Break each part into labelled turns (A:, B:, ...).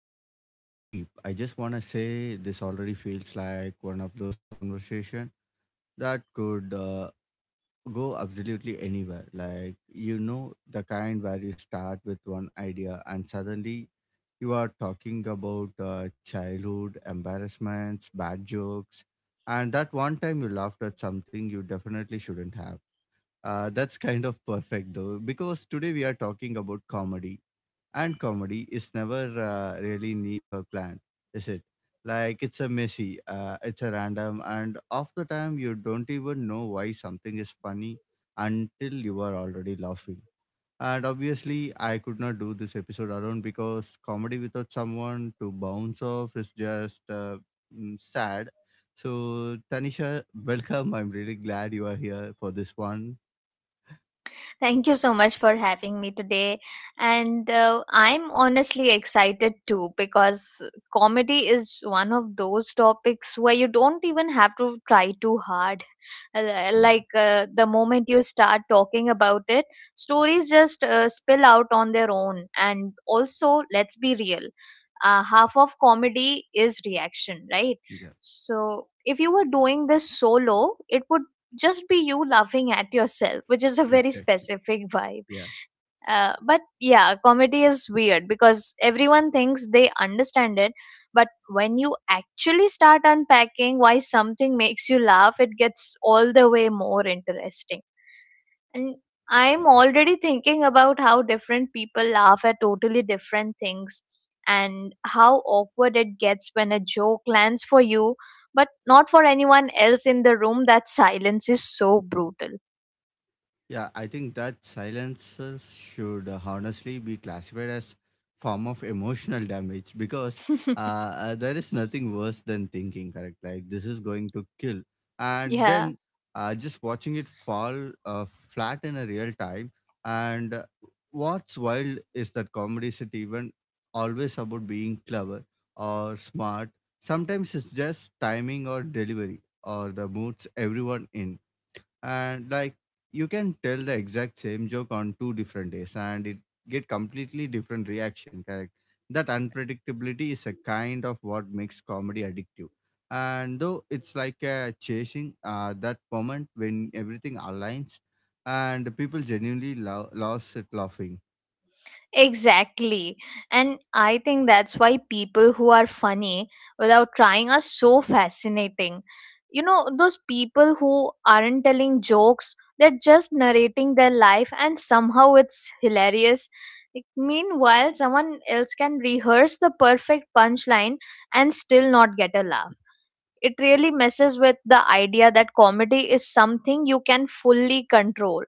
A: into anything deep, I just want to say this already feels like one of those conversation that could go absolutely anywhere. Like, you know, the kind where you start with one idea and suddenly you are talking about childhood embarrassments, bad jokes, and that one time you laughed at something you definitely shouldn't have. That's kind of perfect though, because today we are talking about comedy and comedy is never really neat or planned, is it? Like it's a messy, it's a random, and half the time you don't even know why something is funny until you are already laughing. And obviously, I could not do this episode alone because comedy without someone to bounce off is just sad. So, Tanisha, welcome. I'm really glad you are here for this one.
B: Thank you so much for having me today. And I'm honestly excited too because comedy is one of those topics where you don't even have to try too hard.
A: Yeah,
B: The moment you start talking about it, stories just spill out on their own. And also, let's be real, half of comedy is reaction, right?
A: yeah,
B: So if you were doing this solo, it would just be you laughing at yourself, which is a very
A: exactly.
B: specific vibe.
A: Yeah.
B: But yeah, comedy is weird because everyone thinks they understand it, but when you actually start unpacking why something makes you laugh, it gets all the way more interesting. And I'm already thinking about how different people laugh at totally different things, and how awkward it gets when a joke lands for you but not for anyone else in the room. That silence is so brutal.
A: Yeah, I think that silences should honestly be classified as form of emotional damage because there is nothing worse than thinking, correct? Like this is going to kill, and
B: Yeah.
A: then just watching it fall flat in a real time. And what's wild is that comedy isn't even always about being clever or smart. Sometimes it's just timing or delivery or the moods everyone in, and like you can tell the exact same joke on two different days and it get completely different reaction, correct? That unpredictability is a kind of what makes comedy addictive, and though it's like chasing that moment when everything aligns and people genuinely lost it laughing.
B: Exactly. And I think that's why people who are funny without trying are so fascinating. You know, those people who aren't telling jokes, they're just narrating their life and somehow it's hilarious. Like, meanwhile, someone else can rehearse the perfect punchline and still not get a laugh. It really messes with the idea that comedy is something you can fully control.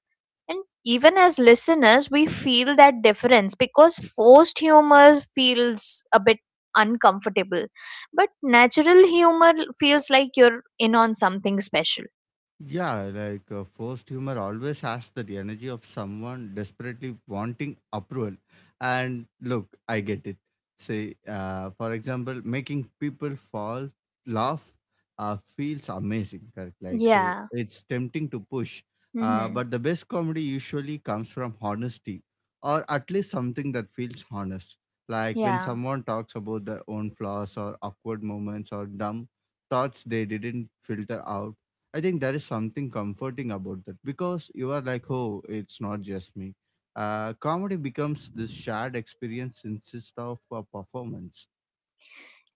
B: And even as listeners, we feel that difference because forced humor feels a bit uncomfortable, but natural humor feels like you're in on something special.
A: Yeah, like forced humor always has that energy of someone desperately wanting approval. And look, I get it. Say, for example, making people fall, laugh, feels amazing. Correct? Like, so
B: Yeah.
A: it's tempting to push.
B: Mm-hmm.
A: But the best comedy usually comes from honesty, or at least something that feels honest. Like when
B: Yeah.
A: someone talks about their own flaws or awkward moments or dumb thoughts they didn't filter out, I think there is something comforting about that because you are like, oh, it's not just me. Comedy becomes this shared experience instead of a performance.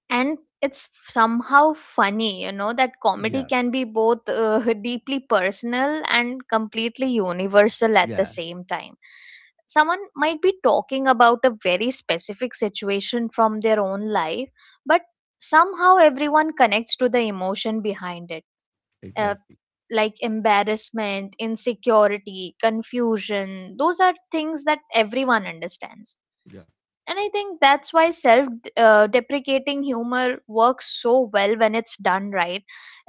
B: And it's somehow funny, you know, that comedy
A: Yeah,
B: can be both deeply personal and completely universal at the
A: yeah,
B: same time. Someone might be talking about a very specific situation from their own life, but somehow everyone connects to the emotion behind it.
A: exactly.
B: uh,
A: Exactly.
B: like embarrassment, insecurity, confusion, those are things that everyone understands.
A: Yeah.
B: And I think that's why self deprecating humor works so well when it's done right.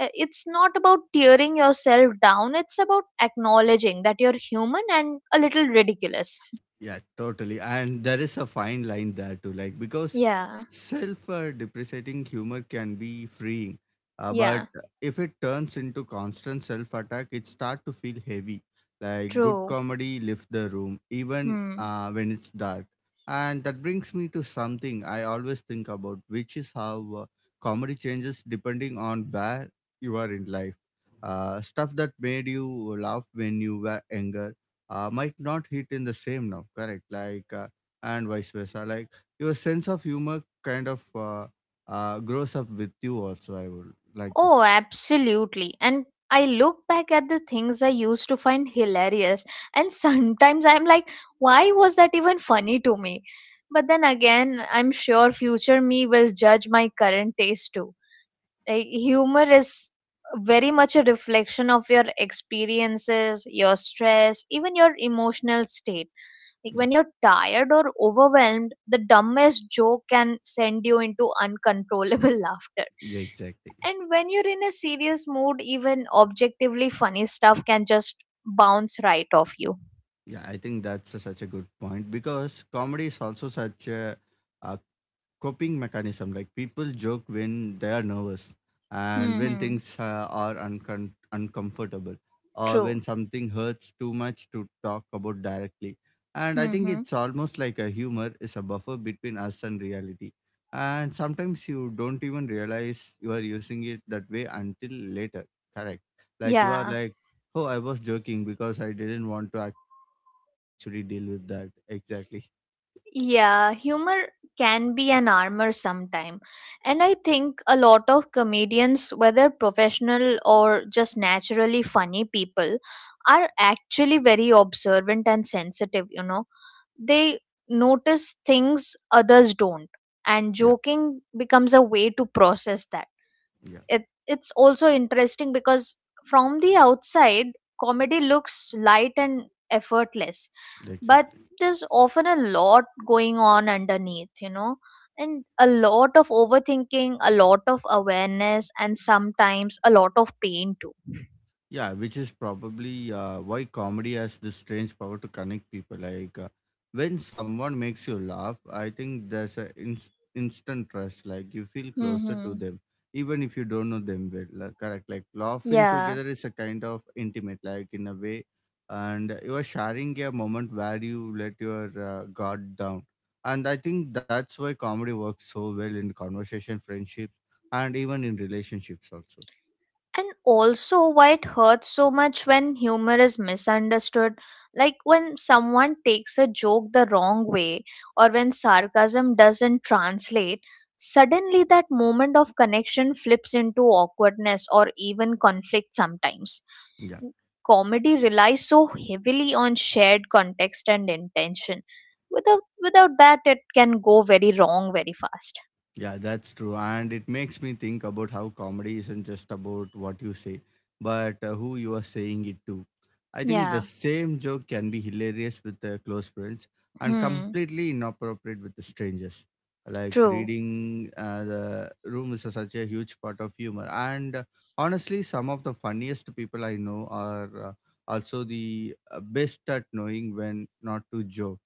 B: It's not about tearing yourself down, it's about acknowledging that you're human and a little ridiculous.
A: Yeah, totally. And there is a fine line there too, like because
B: Yeah.
A: self depreciating humor can be freeing, but
B: Yeah.
A: if it turns into constant self attack, it start to feel heavy. Like good
B: True.
A: comedy lifts the room even
B: Hmm.
A: when it's dark. And that brings me to something I always think about, which is how comedy changes depending on where you are in life. Stuff that made you laugh when you were younger might not hit in the same now, correct? Like and vice versa, like your sense of humor kind of grows up with you also, I would like to
B: Oh
A: say.
B: absolutely. And I look back at the things I used to find hilarious and sometimes I'm like, why was that even funny to me? But then again, I'm sure future me will judge my current taste too. Like, humor is very much a reflection of your experiences, your stress, even your emotional state. Like
A: Yeah,
B: when you're tired or overwhelmed, the dumbest joke can send you into uncontrollable laughter.
A: yeah, exactly.
B: And when you're in a serious mood, even objectively funny stuff can just bounce right off you.
A: Yeah, I think that's a, such a good point because comedy is also such a coping mechanism. Like people joke when they are nervous and when
B: Hmm.
A: things are uncomfortable or when
B: True.
A: something hurts too much to talk about directly. And I think
B: Hmm.
A: it's almost like a humor is a buffer between us and reality, and sometimes you don't even realize you are using it that way until later, correct? Like you are
B: Yeah.
A: like, oh, I was joking because I didn't want to actually deal with that, exactly.
B: Yeah, humor can be an armor sometime. And I think a lot of comedians, whether professional or just naturally funny people, are actually very observant and sensitive, you know. They notice things others don't, and
A: Yeah,
B: joking becomes a way to process that.
A: yeah,
B: It's also interesting because from the outside comedy looks light and effortless, but
A: exactly.
B: there's often a lot going on underneath, you know. And a lot of overthinking, a lot of awareness, and sometimes a lot of pain too.
A: Yeah, which is probably why comedy has this strange power to connect people. Like when someone makes you laugh, I think there's an instant trust. Like you feel closer to
B: Mm-hmm.
A: them, even if you don't know them well. Like, correct. Like laughing
B: Yeah.
A: together is a kind of intimate, like in a way, and you are sharing a moment where you let your guard down. And I think that's why comedy works so well in conversation, friendships, and even in relationships also.
B: And also why it hurts so much when humor is misunderstood. Like when someone takes a joke the wrong way, or when sarcasm doesn't translate, suddenly that moment of connection flips into awkwardness or even conflict sometimes.
A: Yeah.
B: Comedy relies so heavily on shared context and intention. Without that, it can go very wrong very fast.
A: Yeah, that's true. And it makes me think about how comedy isn't just about what you say, but who you are saying it to. I think the
B: Yeah.
A: same joke can be hilarious with close friends and
B: Hmm.
A: completely inappropriate with the strangers. Like
B: True.
A: reading the room is such a huge part of humor. And honestly, some of the funniest people I know are also the best at knowing when not to joke.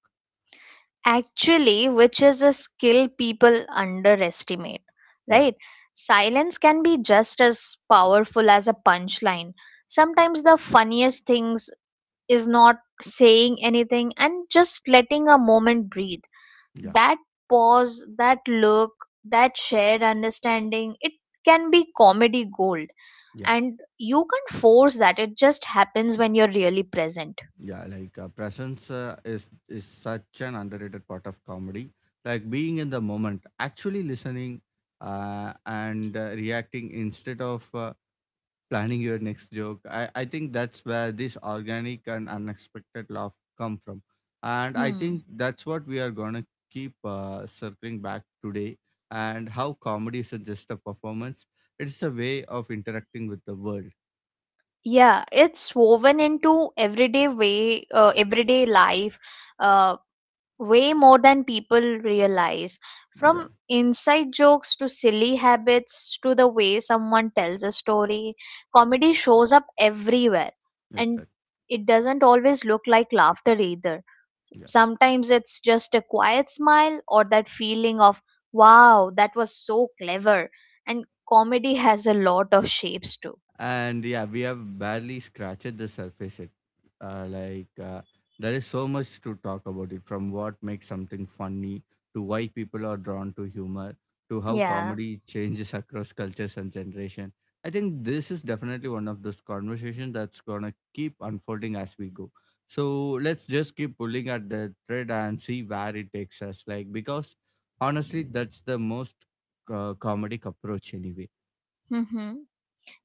B: Actually, which is a skill people underestimate.
A: Yeah,
B: Right? Silence can be just as powerful as a punchline. Sometimes the funniest things is not saying anything and just letting a moment breathe.
A: yeah,
B: That pause, that look, that shared understanding, it can be comedy gold.
A: yeah.
B: And you can't force that, it just happens when you're really present.
A: Yeah, like presence is such an underrated part of comedy. Like being in the moment, actually listening, and reacting instead of planning your next joke. I think that's where this organic and unexpected laugh come from, and I
B: Hmm.
A: think that's what we are gonna keep circling back today. And how comedy isn't just a performance; it's a way of interacting with the world.
B: Yeah, it's woven into everyday way, everyday life, uh, way more than people realize.
A: Yeah,
B: From inside jokes to silly habits to the way someone tells a story, comedy shows up everywhere, and
A: exactly.
B: it doesn't always look like laughter either. Sometimes it's just a quiet smile or that feeling of wow, that was so clever. And comedy has a lot of shapes too.
A: And yeah, we have barely scratched the surface it, uh, like uh, there is so much to talk about it, from what makes something funny to why people are drawn to humor to how
B: Yeah.
A: comedy changes across cultures and generation. I think this is definitely one of those conversations that's gonna keep unfolding as we go, so let's just keep pulling at the thread and see where it takes us, like because honestly that's the most comedic approach anyway.
B: Mm-hmm.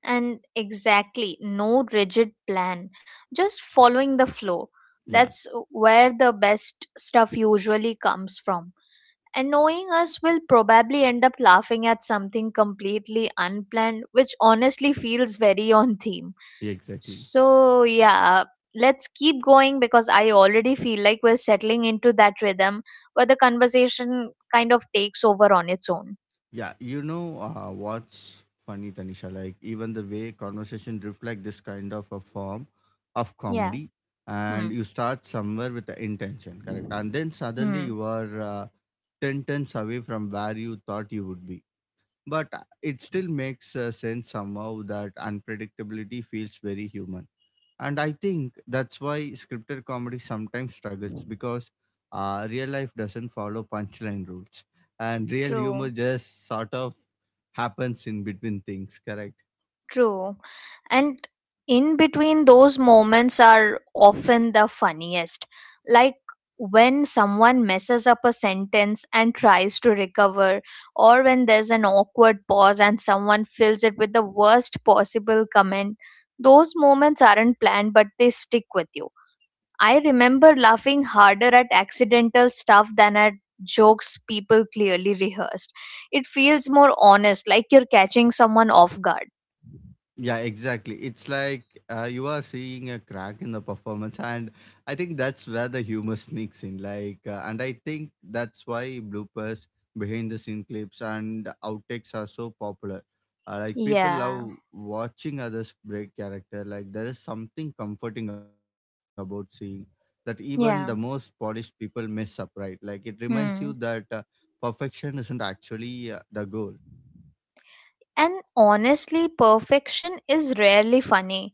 B: And exactly, no rigid plan, just following the flow.
A: Yeah,
B: That's where the best stuff usually comes from. And knowing us will probably end up laughing at something completely unplanned, which honestly feels very on theme.
A: exactly.
B: So, yeah, let's keep going because I already feel like we're settling into that rhythm where the conversation kind of takes over on its own.
A: Yeah, you know what's funny, Tanisha? Like even the way conversation reflect this kind of a form of
B: Yeah.
A: comedy,
B: Hmm.
A: and you start somewhere with the intention, correct? And then suddenly
B: Hmm.
A: you are ten tons away from where you thought you would be. But it still makes sense somehow. That unpredictability feels very human, and I think that's why scripted comedy sometimes struggles because real life doesn't follow punchline rules, and real humor
B: True.
A: just sort of happens in between things, correct?
B: True. And in between those moments are often the funniest. Like when someone messes up a sentence and tries to recover, or when there's an awkward pause and someone fills it with the worst possible comment. Those moments aren't planned, but they stick with you. I remember laughing harder at accidental stuff than at jokes people clearly rehearsed. It feels more honest, like you're catching someone off guard.
A: Yeah, exactly. It's like you are seeing a crack in the performance, and I think that's where the humor sneaks in. Like, and I think that's why bloopers, behind the scene clips, and outtakes are so popular. Like, people
B: Yeah.
A: love watching others break character. Like, there is something comforting about seeing that even the most
B: Yeah.
A: polished people mess up, right? Like, it reminds you that
B: Hmm.
A: perfection isn't actually the goal.
B: And honestly, perfection is rarely funny.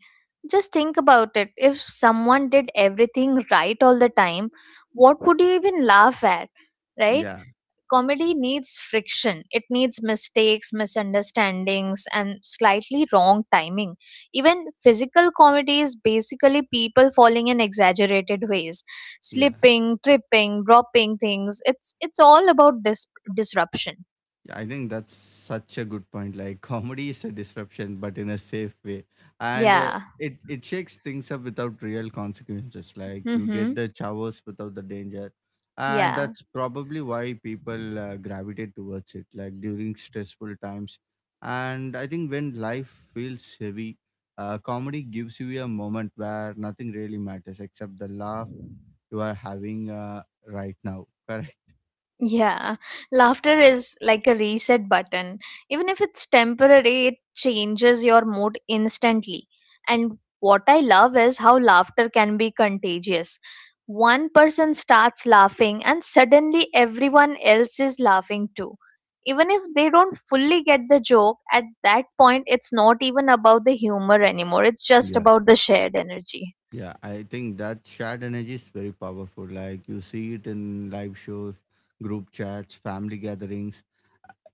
B: Just think about it. If someone did everything right all the time, what would you even laugh at? Right?
A: Yeah,
B: Comedy needs friction. It needs mistakes, misunderstandings, and slightly wrong timing. Even physical comedy is basically people falling in exaggerated ways,
A: yeah.
B: slipping, tripping, dropping things. It's all about disruption.
A: Yeah, I think that's such a good point. Like comedy is a disruption, but in a safe way, and uh,
B: Yeah.
A: it it shakes things up without real consequences. Like you
B: Mm-hmm.
A: get the chavos without the danger, and
B: Yeah.
A: that's probably why people gravitate towards it. Like during stressful times, and I think when life feels heavy, comedy gives you a moment where nothing really matters except the laugh you are having right now.
B: Yeah. Laughter is like a reset button. Even if it's temporary, it changes your mood instantly. And what I love is how laughter can be contagious. One person starts laughing, and suddenly everyone else is laughing too. Even if they don't fully get the joke, at that point, it's not even about the humor anymore. It's just
A: Correct.
B: about the shared energy.
A: Yeah, I think that shared energy is very powerful. Like you see it in live shows, group chats, family gatherings,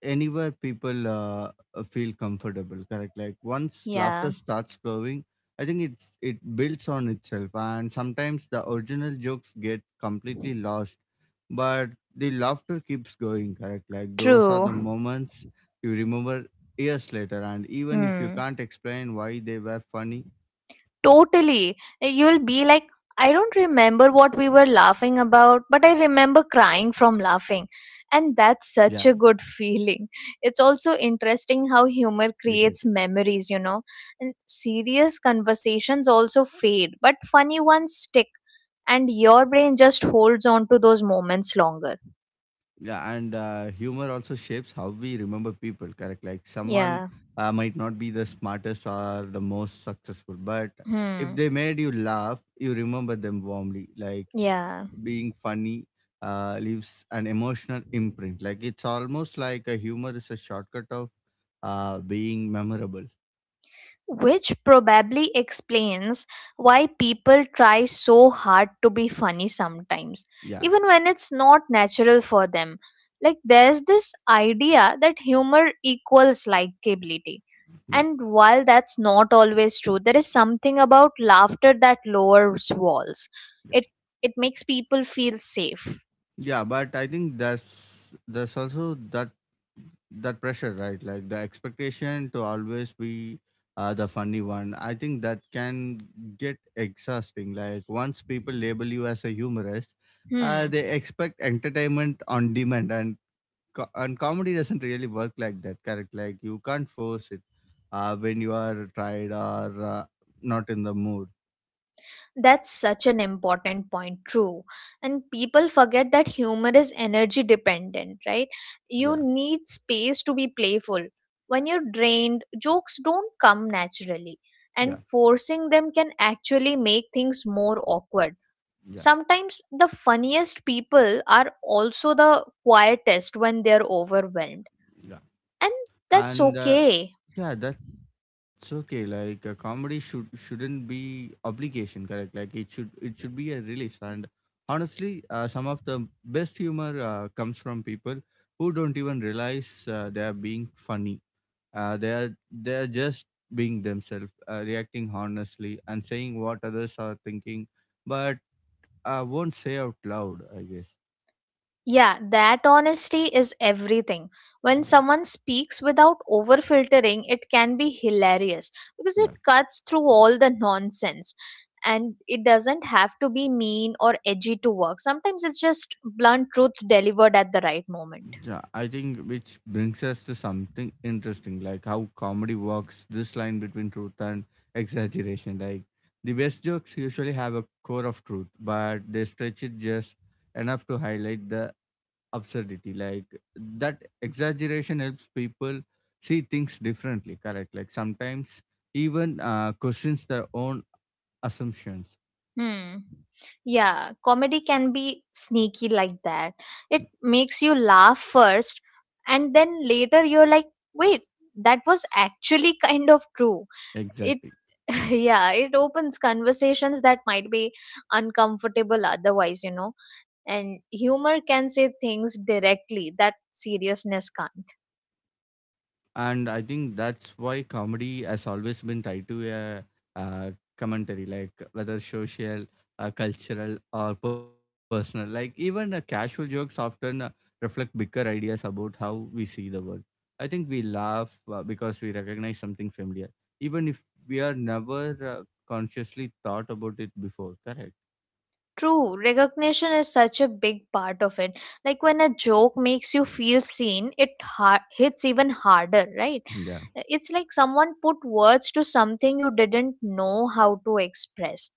A: anywhere people feel comfortable. Correct. Like once laughter
B: Yeah.
A: starts flowing, I think it builds on itself, and sometimes the original jokes get completely lost, but the laughter keeps going. Correct. Like those are the
B: True.
A: moments you remember years later, and even if you
B: Hmm.
A: can't explain why they were funny,
B: Totally. You'll be like, I don't remember what we were laughing about, but I remember crying from laughing.
A: yeah,
B: And that's such a good feeling. It's also
A: exactly.
B: interesting how humor creates memories, you know. And serious conversations also fade, but funny ones stick. And your brain just holds on to those moments longer.
A: Yeah, and humor also shapes how we remember people, correct? Like someone
B: Yeah.
A: might not be the smartest or the most successful, but if
B: Hmm.
A: they made you laugh, you remember them warmly. Like
B: Yeah.
A: being funny leaves an emotional imprint. Like it's almost like a humor is a shortcut of being memorable.
B: Which probably explains why people try so hard to be funny sometimes,
A: Yeah,
B: even when it's not natural for them. Like, there's this idea that humor equals likability.
A: yeah,
B: And while that's not always true, there is something about laughter that lowers walls.
A: yeah.
B: It it makes people feel safe.
A: Yeah, but I think that's there's also that pressure, right? Like the expectation to always be the funny one. I think that can get exhausting. Like once people label you as a humorist,
B: Hmm.
A: they expect entertainment on demand, and and comedy doesn't really work like that. Correct? Like you can't force it when you are tired or not in the mood.
B: That's such an important point, true. And people forget that humor is energy dependent, right? You
A: Yeah,
B: need space to be playful. When you're drained, jokes don't come naturally,
A: yeah,
B: and forcing them can actually make things more awkward.
A: yeah,
B: Sometimes the funniest people are also the quietest when they're overwhelmed,
A: yeah.
B: and that's
A: and
B: okay.
A: Yeah, that's okay. Like a comedy shouldn't be obligation, correct? Like it should be a release. And honestly, some of the best humor comes from people who don't even realize they are being funny. They are just being themselves, reacting honestly and saying what others are thinking, but won't say out loud, I guess.
B: Yeah, that honesty is everything. When
A: Yeah.
B: someone speaks without over filtering, it can be hilarious because it
A: Yeah.
B: cuts through all the nonsense. And it doesn't have to be mean or edgy to work. Sometimes it's just blunt truth delivered at the right moment.
A: Yeah, I think which brings us to something interesting, like how comedy works this line between truth and exaggeration. Like the best jokes usually have a core of truth, but they stretch it just enough to highlight the absurdity. Like that exaggeration helps people see things differently, correct? Like sometimes even questions their own assumptions.
B: Hmm. Yeah, comedy can be sneaky like that. It makes you laugh first, and then later you're like, wait, that was actually kind of true. It
A: Exactly.
B: yeah, it opens conversations that might be uncomfortable otherwise, you know. And humor can say things directly that seriousness can't.
A: And I think that's why comedy has always been tied to a, uh commentary, like whether social, cultural, or personal. Like even casual jokes often reflect bigger ideas about how we see the world. I think we laugh because we recognize something familiar, even if we are never consciously thought about it before. Correct.
B: True, recognition is such a big part of it. Like when a joke makes you feel seen, it hits even harder, right?
A: Yeah.
B: It's like someone put words to something you didn't know how to express,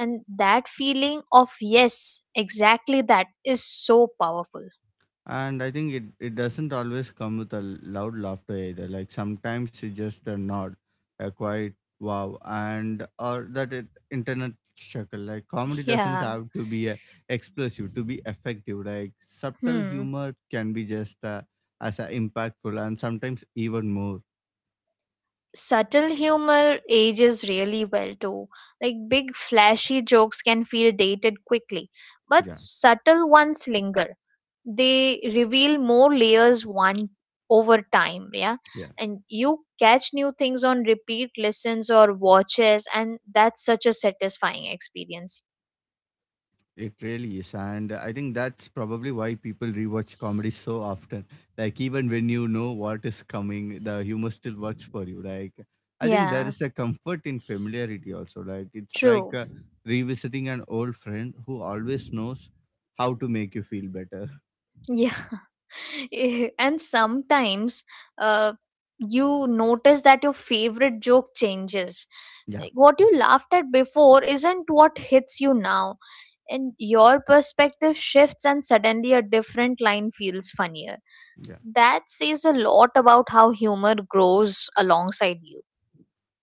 B: and that feeling of yes, exactly that, is so powerful.
A: And I think it doesn't always come with a loud laughter either. Like sometimes it's just a nod, a quiet wow, and or that internet chuckle. Like comedy doesn't
B: Yeah.
A: have to be explosive to be effective. Like subtle
B: Hmm.
A: humor can be just as impactful and sometimes even more.
B: Subtle humor ages really well too. Like big flashy jokes can feel dated quickly, but
A: Yeah.
B: subtle ones linger. They reveal more layers one over time, yeah. And you catch new things on repeat listens or watches, and that's such a satisfying experience.
A: It really is, and I think that's probably why people rewatch comedy so often. Like even when you know what is coming, the humor still works for you. Like I think there
B: Yeah,
A: is a comfort in familiarity also. Like it's like
B: true.
A: revisiting an old friend who always knows how to make you feel better.
B: Yeah. Eh, and sometimes uh, you notice that your favorite joke changes.
A: Yeah,
B: What you laughed at before isn't what hits you now, and your perspective shifts and suddenly a different line feels funnier.
A: yeah.
B: That says a lot about how humor grows alongside you.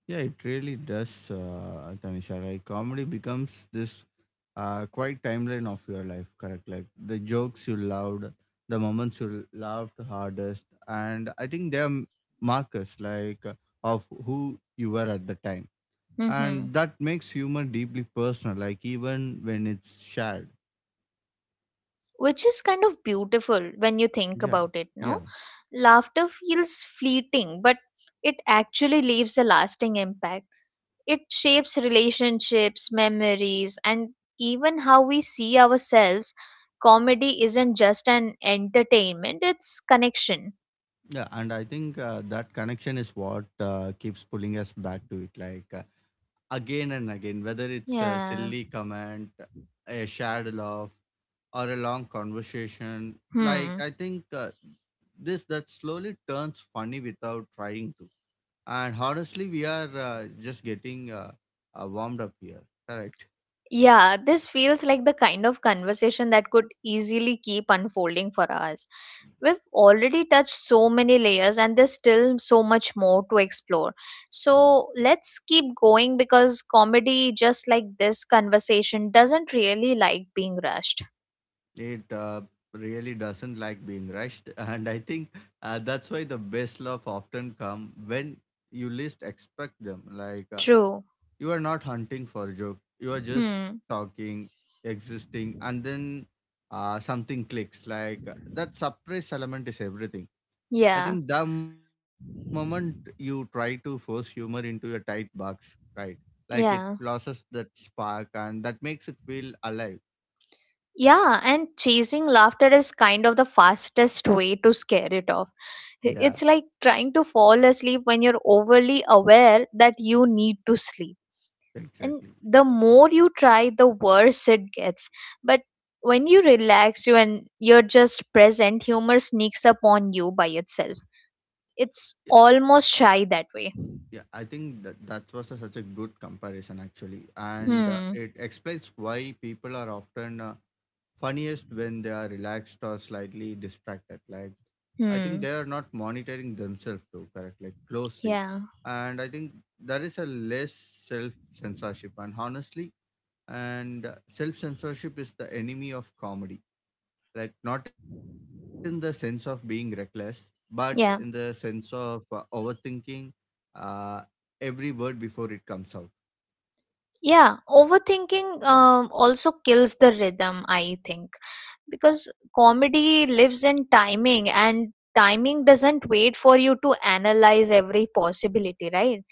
A: Yeah, it really does, Tanisha. Like comedy becomes this quite timeline of your life, correct? Like the jokes you loved, the moments you laughed hardest, and I think they are markers like of who you were at the time,
B: Hmm.
A: and that makes humor deeply personal. Like even when it's shared.
B: Which is kind of beautiful when you think
A: Yeah,
B: about it, no?
A: yeah,
B: Laughter feels fleeting, but it actually leaves a lasting impact. It shapes relationships, memories, and even how we see ourselves. Comedy isn't just an entertainment, it's connection.
A: yeah. And I think that connection is what keeps pulling us back to it. Like. Again and again, whether it's a
B: Yeah.
A: silly comment, a shared laugh, or a long conversation. Like,
B: Hmm.
A: I think this that slowly turns funny without trying to. And honestly, we are just getting warmed up here. Correct.
B: Yeah, this feels like the kind of conversation that could easily keep unfolding for us. We've already touched so many layers, and there's still so much more to explore. So let's keep going because comedy, just like this conversation, doesn't really like being rushed.
A: It really doesn't like being rushed. And I think that's why the best love often come when you least expect them. Like,
B: True.
A: you are not hunting for a joke. You are just
B: Hmm.
A: talking, existing, and then something clicks. Like that surprise element is everything. I
B: Yeah.
A: think the moment you try to force humor into a tight box, right? Like it loses
B: Yeah.
A: that spark and that makes it feel alive.
B: Yeah. And chasing laughter is kind of the fastest way to scare it off. I-
A: Yeah,
B: It's like trying to fall asleep when you're overly aware that you need to sleep. And
A: exactly.
B: the more you try, the worse it gets. But when you relax, you and you're just present, humor sneaks up on you by itself. It's
A: Yeah,
B: almost shy that way.
A: yeah. I think that was such a good comparison actually, and
B: Hmm.
A: it explains why people are often funniest when they are relaxed or slightly distracted. Like I think
B: Hmm.
A: they are not monitoring themselves too correctly, closely.
B: Yeah.
A: And I think there is a less self censorship. And honestly, and self censorship is the enemy of comedy. Like, not in the sense of being reckless, but in the sense
B: Yeah.
A: of overthinking uh, every word before it comes out.
B: Yeah, overthinking also kills the rhythm, I think, because comedy lives in timing and timing doesn't wait for you to analyze every possibility, right?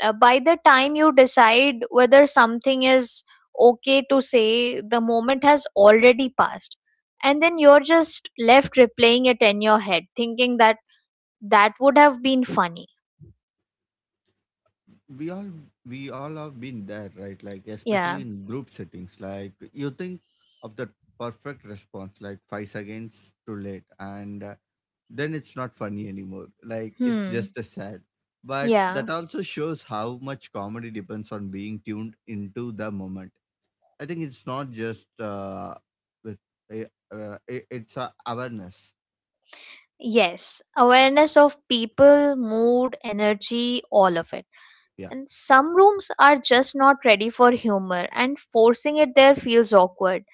B: By the time you decide whether something is okay to say, the moment has already passed. And then you're just left replaying it in your head, thinking that that would have been funny.
A: We all we all have been there, right? Like especially
B: Yeah.
A: in group settings, like you think of the perfect response like 5 seconds too late, and then it's not funny anymore, like it's
B: Hmm.
A: just a sad. But
B: Yeah.
A: that also shows how much comedy depends on being tuned into the moment. I think it's not just with it's a awareness.
B: Yes, awareness of people, mood, energy, all of it.
A: Yeah,
B: And some rooms are just not ready for humor, and forcing it there feels awkward.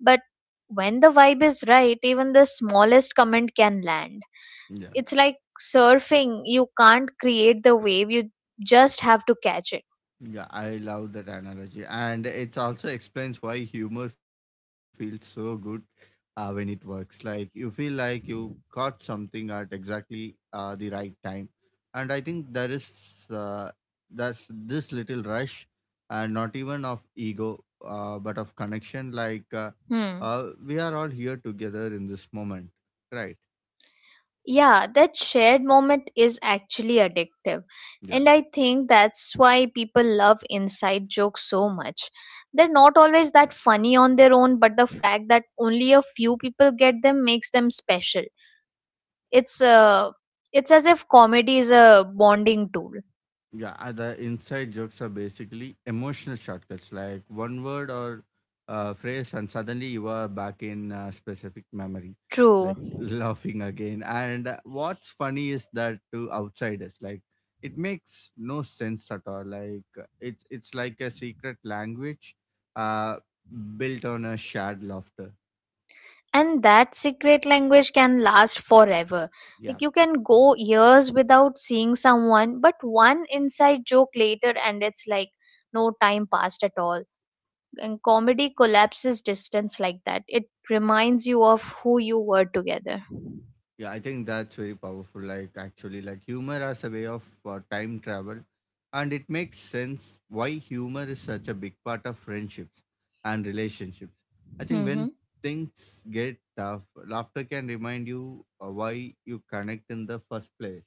B: But when the vibe is right, even the smallest comment can land.
A: yeah.
B: It's like surfing, you can't create the wave, you just have to catch it.
A: Yeah, I love that analogy. And it also explains why humor feels so good when it works. Like you feel like you caught something at exactly the right time. And I think there's this little rush, and not even of ego, but of connection. Like
B: Hmm.
A: we are all here together in this moment, right?
B: Yeah, that shared moment is actually addictive.
A: Yeah.
B: And I think that's why people love inside jokes so much.
A: Yeah.
B: They're not always that funny on their own, but the fact that only a few people get them makes them special. It's uh, it's as if comedy is a bonding tool.
A: Yeah, the inside jokes are basically emotional shortcuts, like one word or phrase, and suddenly you are back in specific memory,
B: True.
A: like laughing again. And what's funny is that to outsiders, like it makes no sense at all. Like it's like a secret language, uh, built on a shared laughter.
B: And that secret language can last forever.
A: Yeah.
B: Like you can go years without seeing someone, but one inside joke later and it's like no time passed at all. And comedy collapses distance like that. It reminds you of who you were together.
A: Yeah, I think that's very powerful. Like, actually, like humor as a way of time travel, and it makes sense why humor is such a big part of friendships and relationships. I think when
B: Hmm.
A: things get tough, laughter can remind you why you connect in the first place.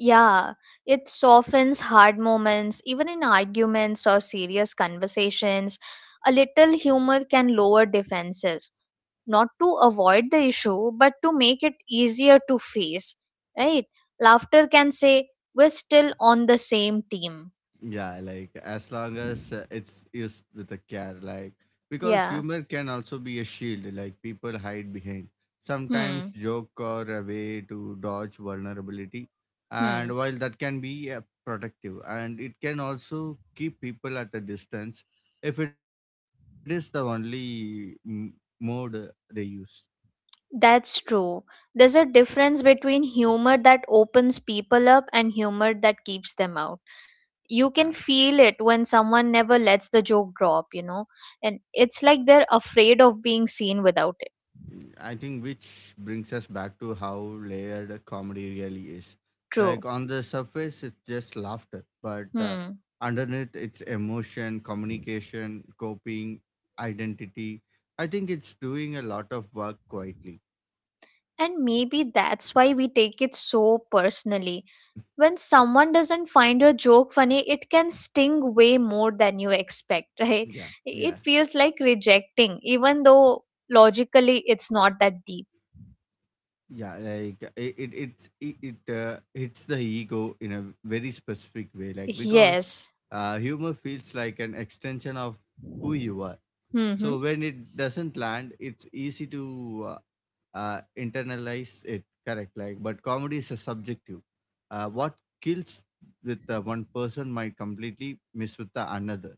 B: Yeah, it softens hard moments, even in arguments or serious conversations. A little humor can lower defenses, not to avoid the issue, but to make it easier to face, right? Laughter can say, we're still on the same team.
A: Yeah, like as long as it's used with a care, like because
B: Yeah.
A: humor can also be a shield, like people hide behind. Sometimes
B: Hmm.
A: joke are a way to dodge vulnerability,
B: Hmm.
A: and while that can be protective, and it can also keep people at a distance if it is the only mode they use.
B: That's true. There's a difference between humor that opens people up and humor that keeps them out.
A: Yeah.
B: You can feel it when someone never lets the joke drop, you know, and it's like they're afraid of being seen without it.
A: I think which brings us back to how layered comedy really is. Like
B: True.
A: on the surface, it's just laughter, but
B: Hmm.
A: underneath, it's emotion, communication, coping, identity. I think it's doing a lot of work quietly.
B: And maybe that's why we take it so personally. When someone doesn't find your joke funny, it can sting way more than you expect, right?
A: Yeah,
B: It
A: yeah,
B: feels like rejecting, even though logically it's not that deep.
A: yeah. Like it hits the ego in a very specific way. Like because
B: Yes.
A: humor feels like an extension of who you are.
B: Mm-hmm.
A: So when it doesn't land, it's easy to internalize it. Correct, like, but comedy is a subjective. What kills with one person might completely miss with the another.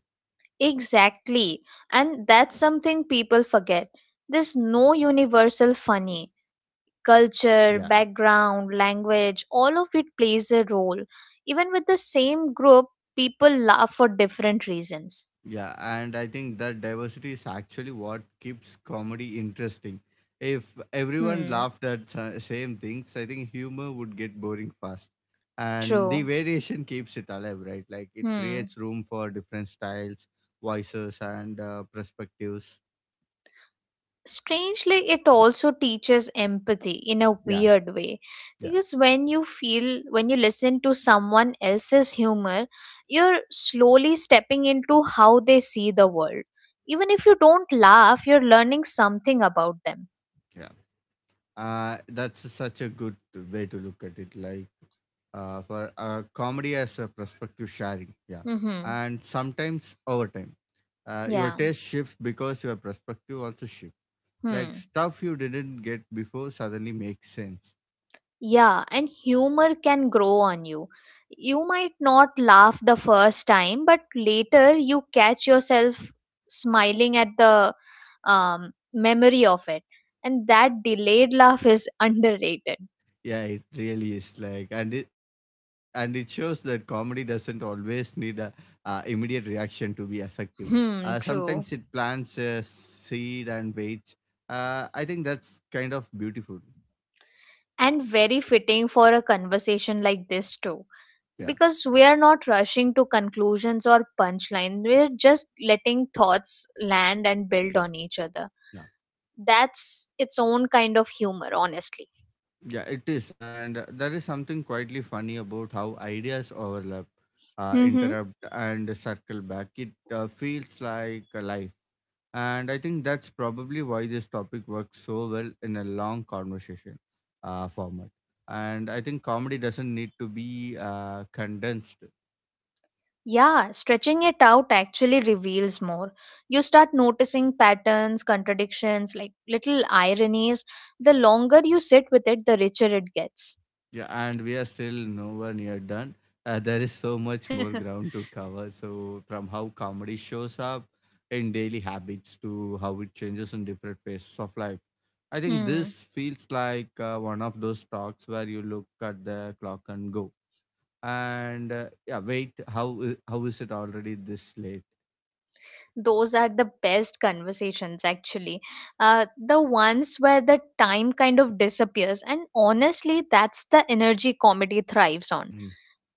B: Exactly. And that's something people forget. There's no universal funny.
A: Yeah.
B: Culture, background, language, all of it plays a role. Even with the same group, people laugh for different reasons.
A: Yeah, and I think that diversity is actually what keeps comedy interesting. If everyone
B: Hmm.
A: laughed at same things, I think humor would get boring fast. And the
B: True.
A: variation keeps it alive, right? Like it
B: Hmm.
A: creates room for different styles, voices, and perspectives.
B: Strangely it also teaches empathy in a
A: Yeah,
B: weird way
A: yeah,
B: because when you feel when you listen to someone else's humor you're slowly stepping into how they see the world even if you don't laugh you're learning something about them.
A: yeah. That's such a good way to look at it. Like for comedy as a perspective sharing. Yeah,
B: Mhm.
A: and sometimes over time. Your
B: Yeah.
A: taste shifts because your perspective also shifts. Like
B: Hmm.
A: stuff you didn't get before suddenly makes sense.
B: Yeah, and humor can grow on you. You might not laugh the first time, but later you catch yourself smiling at the memory of it. And that delayed laugh is underrated.
A: Yeah, it really is. Like and it shows that comedy doesn't always need a immediate reaction to be effective.
B: Hmm,
A: Sometimes it
B: true.
A: plants a seed and waits. I think that's kind of beautiful.
B: And very fitting for a conversation like this, too.
A: Yeah,
B: Because we are not rushing to conclusions or punchlines, we're just letting thoughts land and build on each other.
A: yeah.
B: That's its own kind of humor, honestly.
A: Yeah, it is. And there is something quietly funny about how ideas overlap,
B: Mm-hmm.
A: interrupt, and circle back. It feels like a life. And I think that's probably why this topic works so well in a long conversation format. And I think comedy doesn't need to be condensed.
B: Yeah, stretching it out actually reveals more. You start noticing patterns, contradictions, like little ironies. The longer you sit with it, the richer it gets.
A: Yeah, and we are still nowhere near done. There is so much more ground to cover. So, from how comedy shows up in daily habits to how it changes in different phases of life. I think
B: Hmm.
A: this feels like one of those talks where you look at the clock and go, and yeah, wait, how is it already this late?
B: Those are the best conversations, actually. The ones where the time kind of disappears. And honestly, that's the energy comedy thrives on.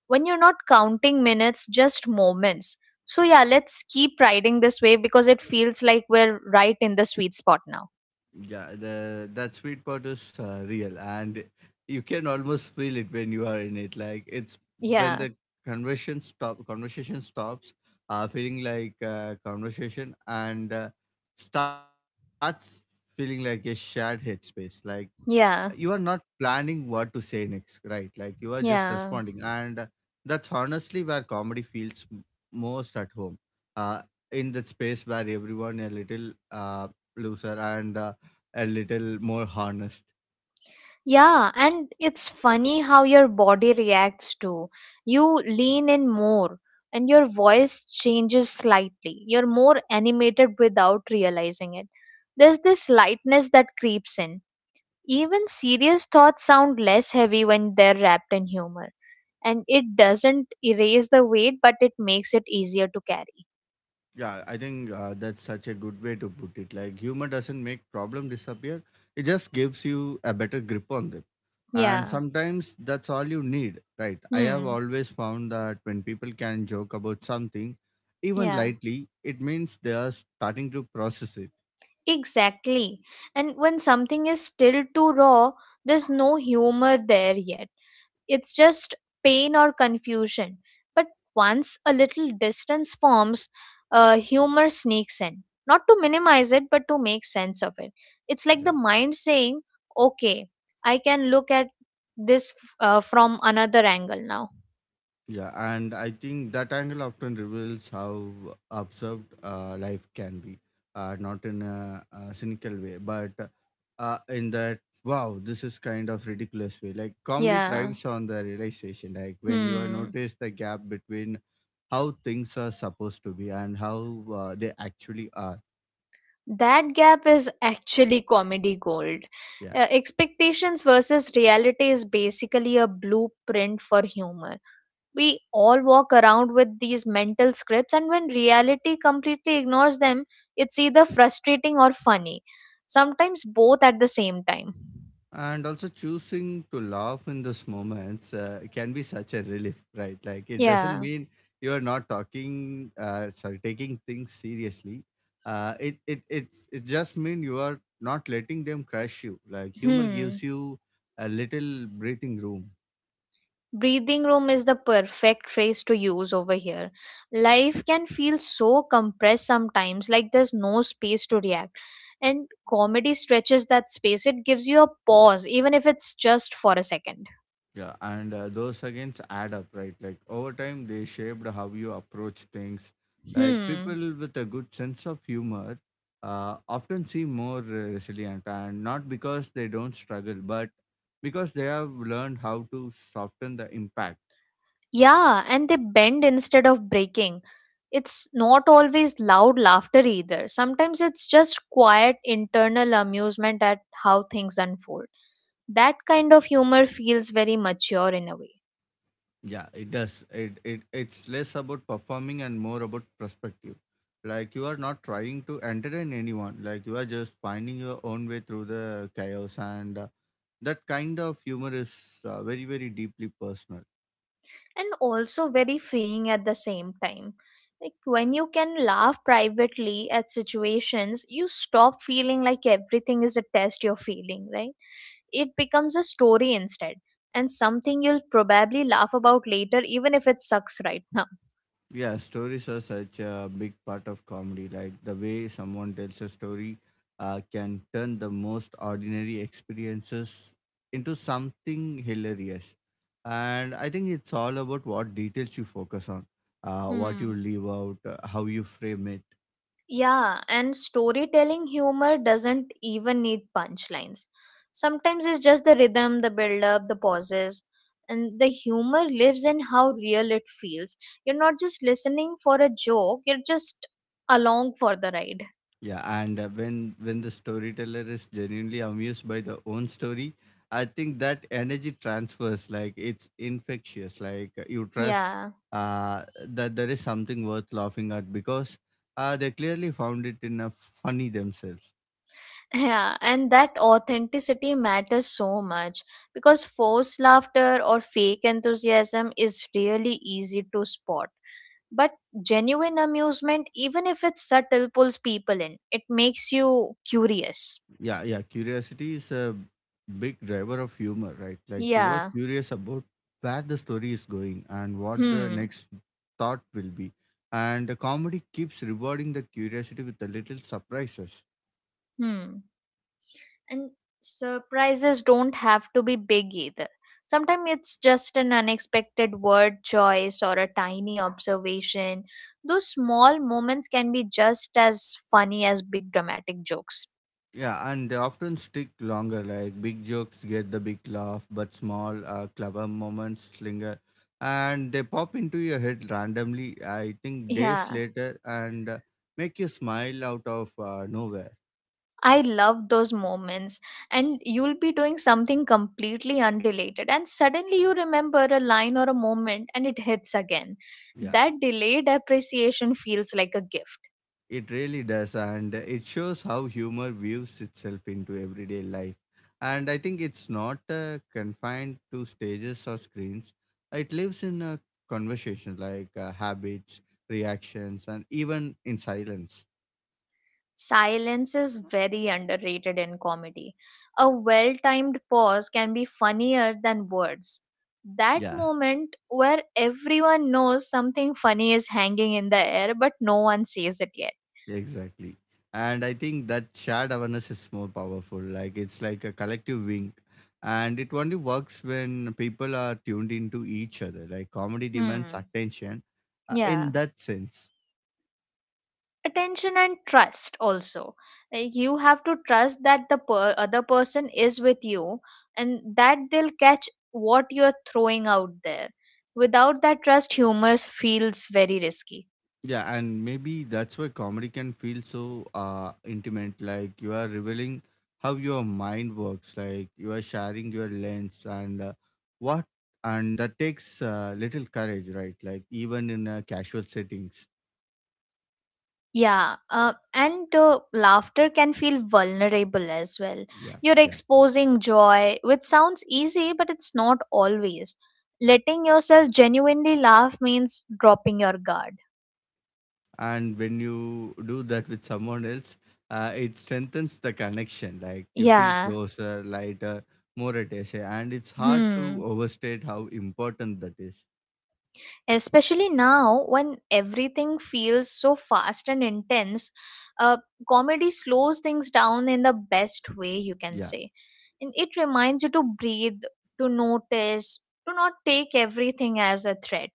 B: When you're not counting minutes, just moments. So, yeah, let's keep riding this wave because it feels like we're right in the sweet spot now.
A: Yeah, the that sweet part is real, and you can almost feel it when you are in it. Like it's when
B: Yeah,
A: the conversation stops, feeling like conversation, and starts feeling like a shared headspace. Like you are not
B: yeah,
A: planning what to say next, right? Like you are just responding,
B: yeah.
A: and that's honestly where comedy feels most at home, uh, in that space where everyone a little looser and a little more honest.
B: Yeah, and it's funny how your body reacts too. You lean in more and your voice changes slightly. You're more animated without realizing it. There's this lightness that creeps in. Even serious thoughts sound less heavy when they're wrapped in humor. And it doesn't erase the weight but it makes it easier to carry.
A: Yeah, I think that's such a good way to put it. Like humor doesn't make problem disappear, it just gives you a better grip on them. And
B: Yeah.
A: sometimes that's all you need, right? I have
B: Hmm.
A: always found that when people can joke about something, even
B: Yeah,
A: lightly, it means they are starting to process it.
B: exactly. And when something is still too raw there's no humor there yet, it's just pain or confusion. But once a little distance forms, humor sneaks in not to minimize it but to make sense of it. It's like
A: Yeah.
B: the mind saying, okay, I can look at this from another angle now.
A: Yeah, and I think that angle often reveals how absurd life can be, not in a cynical way, but in that wow this is kind of ridiculous way. Like comedy
B: Yeah.
A: thrives on the realization, like when you are
B: Hmm.
A: notice the gap between how things are supposed to be and how they actually are.
B: That gap is actually comedy gold.
A: Yeah.
B: Expectations versus reality is basically a blueprint for humor. We all walk around with these mental scripts, and when reality completely ignores them, it's either frustrating or funny. Sometimes both at the same time.
A: And also choosing to laugh in those moments can be such a relief, right? Like it doesn't
B: Yeah.
A: mean you are not taking things seriously. It just mean you are not letting them crush you. Like humor gives
B: Hmm.
A: you a little breathing room.
B: Breathing room is the perfect phrase to use over here. Life can feel so compressed sometimes, like there's no space to react. And comedy stretches that space, it gives you a pause, even if it's just for a second.
A: Yeah, and those against add up, right? Like over time, they shaped how you approach things. Like
B: Hmm.
A: people with a good sense of humor often seem more resilient, and not because they don't struggle, but because they have learned how to soften the impact.
B: Yeah, and they bend instead of breaking. It's not always loud laughter either. Sometimes it's just quiet internal amusement at how things unfold. That kind of humor feels very mature in a way.
A: Yeah, it does. It's less about performing and more about perspective. Like you are not trying to entertain anyone. Like you are just finding your own way through the chaos and. That kind of humor is very very deeply personal.
B: And also very freeing at the same time. Like when you can laugh privately at situations, you stop feeling like everything is a test you're feeling, right? It becomes a story instead, and something you'll probably laugh about later, even if it sucks right now.
A: Yeah, stories are such a big part of comedy. Like the way someone tells a story can turn the most ordinary experiences into something hilarious. And I think it's all about what details you focus on, what you
B: Hmm.
A: leave out, how you frame it.
B: Yeah, and storytelling humor doesn't even need punchlines. Sometimes it's just the rhythm, the build up, the pauses, and the humor lives in how real it feels. You're not just listening for a joke, you're just along for the ride.
A: Yeah, and when the storyteller is genuinely amused by their own story, I think that energy transfers like it's infectious. Like you trust
B: Yeah,
A: uh, that there is something worth laughing at because they clearly found it in a funny themselves.
B: yeah, and that authenticity matters so much because forced laughter or fake enthusiasm is really easy to spot. But genuine amusement, even if it's subtle, pulls people in. It makes you curious.
A: Yeah, yeah. Curiosity is a big driver of humor, right? Like you are
B: Yeah.
A: curious about where the story is going and what the
B: Hmm.
A: next thought will be, and the comedy keeps rewarding the curiosity with the little surprises.
B: Hmm. And surprises don't have to be big either. Sometimes it's just an unexpected word choice or a tiny observation. Those small moments can be just as funny as big dramatic jokes.
A: Yeah, and they often stick longer. Like big jokes get the big laugh, but small, clever moments linger, and they pop into your head randomly. I think days
B: Yeah.
A: later, and make you smile out of nowhere.
B: I love those moments, and you'll be doing something completely unrelated, and suddenly you remember a line or a moment and it hits again.
A: Yeah.
B: That delayed appreciation feels like a gift.
A: It really does, and it shows how humor weaves itself into everyday life. And I think it's not confined to stages or screens. It lives in a conversation, like habits, reactions, and even in silence.
B: Silence is very underrated in comedy. A well timed pause can be funnier than words.
A: Yeah,
B: That moment where everyone knows something funny is hanging in the air, but no one says it yet.
A: exactly. And I think that shared awareness is more powerful. Like it's like a collective wink, and it only works when people are tuned into each other. Like comedy demands
B: Hmm.
A: attention, in
B: Yeah.
A: that sense.
B: Attention and trust also, like you have to trust that the other person is with you and that they'll catch what you're throwing out there. Without that trust humor feels very risky.
A: Yeah, and maybe that's why comedy can feel so intimate. Like you are revealing how your mind works. Like you are sharing your lens and what, and that takes little courage, right? Like even in casual settings.
B: Yeah, and laughter can feel vulnerable as well,
A: Yeah,
B: you're
A: yeah.
B: exposing joy which sounds easy but it's not always. Letting yourself genuinely laugh means dropping your guard.
A: And when you do that with someone else, it strengthens the connection. Like you feel
B: Yeah.
A: closer, lighter, more at ease, and it's hard to
B: Hmm.
A: overstate how important that is.
B: Especially now when everything feels so fast and intense, uh, comedy slows things down in the best way you can
A: Yeah.
B: say. And it reminds you to breathe, to notice, to not take everything as a threat.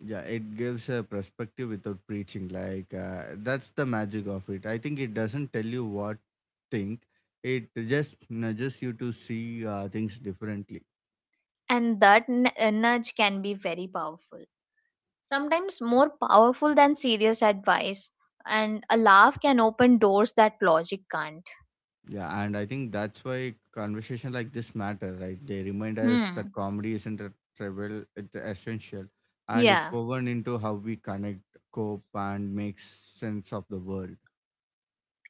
A: Yeah, it gives a perspective without preaching. Like that's the magic of it. I think it doesn't tell you what think. It just nudges you to see things differently.
B: And that nudge can be very powerful, sometimes more powerful than serious advice. And a laugh can open doors that logic can't.
A: Yeah, and I think that's why conversation like this matter, right? They remind us that
B: Hmm.
A: comedy isn't a trivial; it's essential, and it's
B: Yeah,
A: woven into how we connect, cope, and make sense of the world.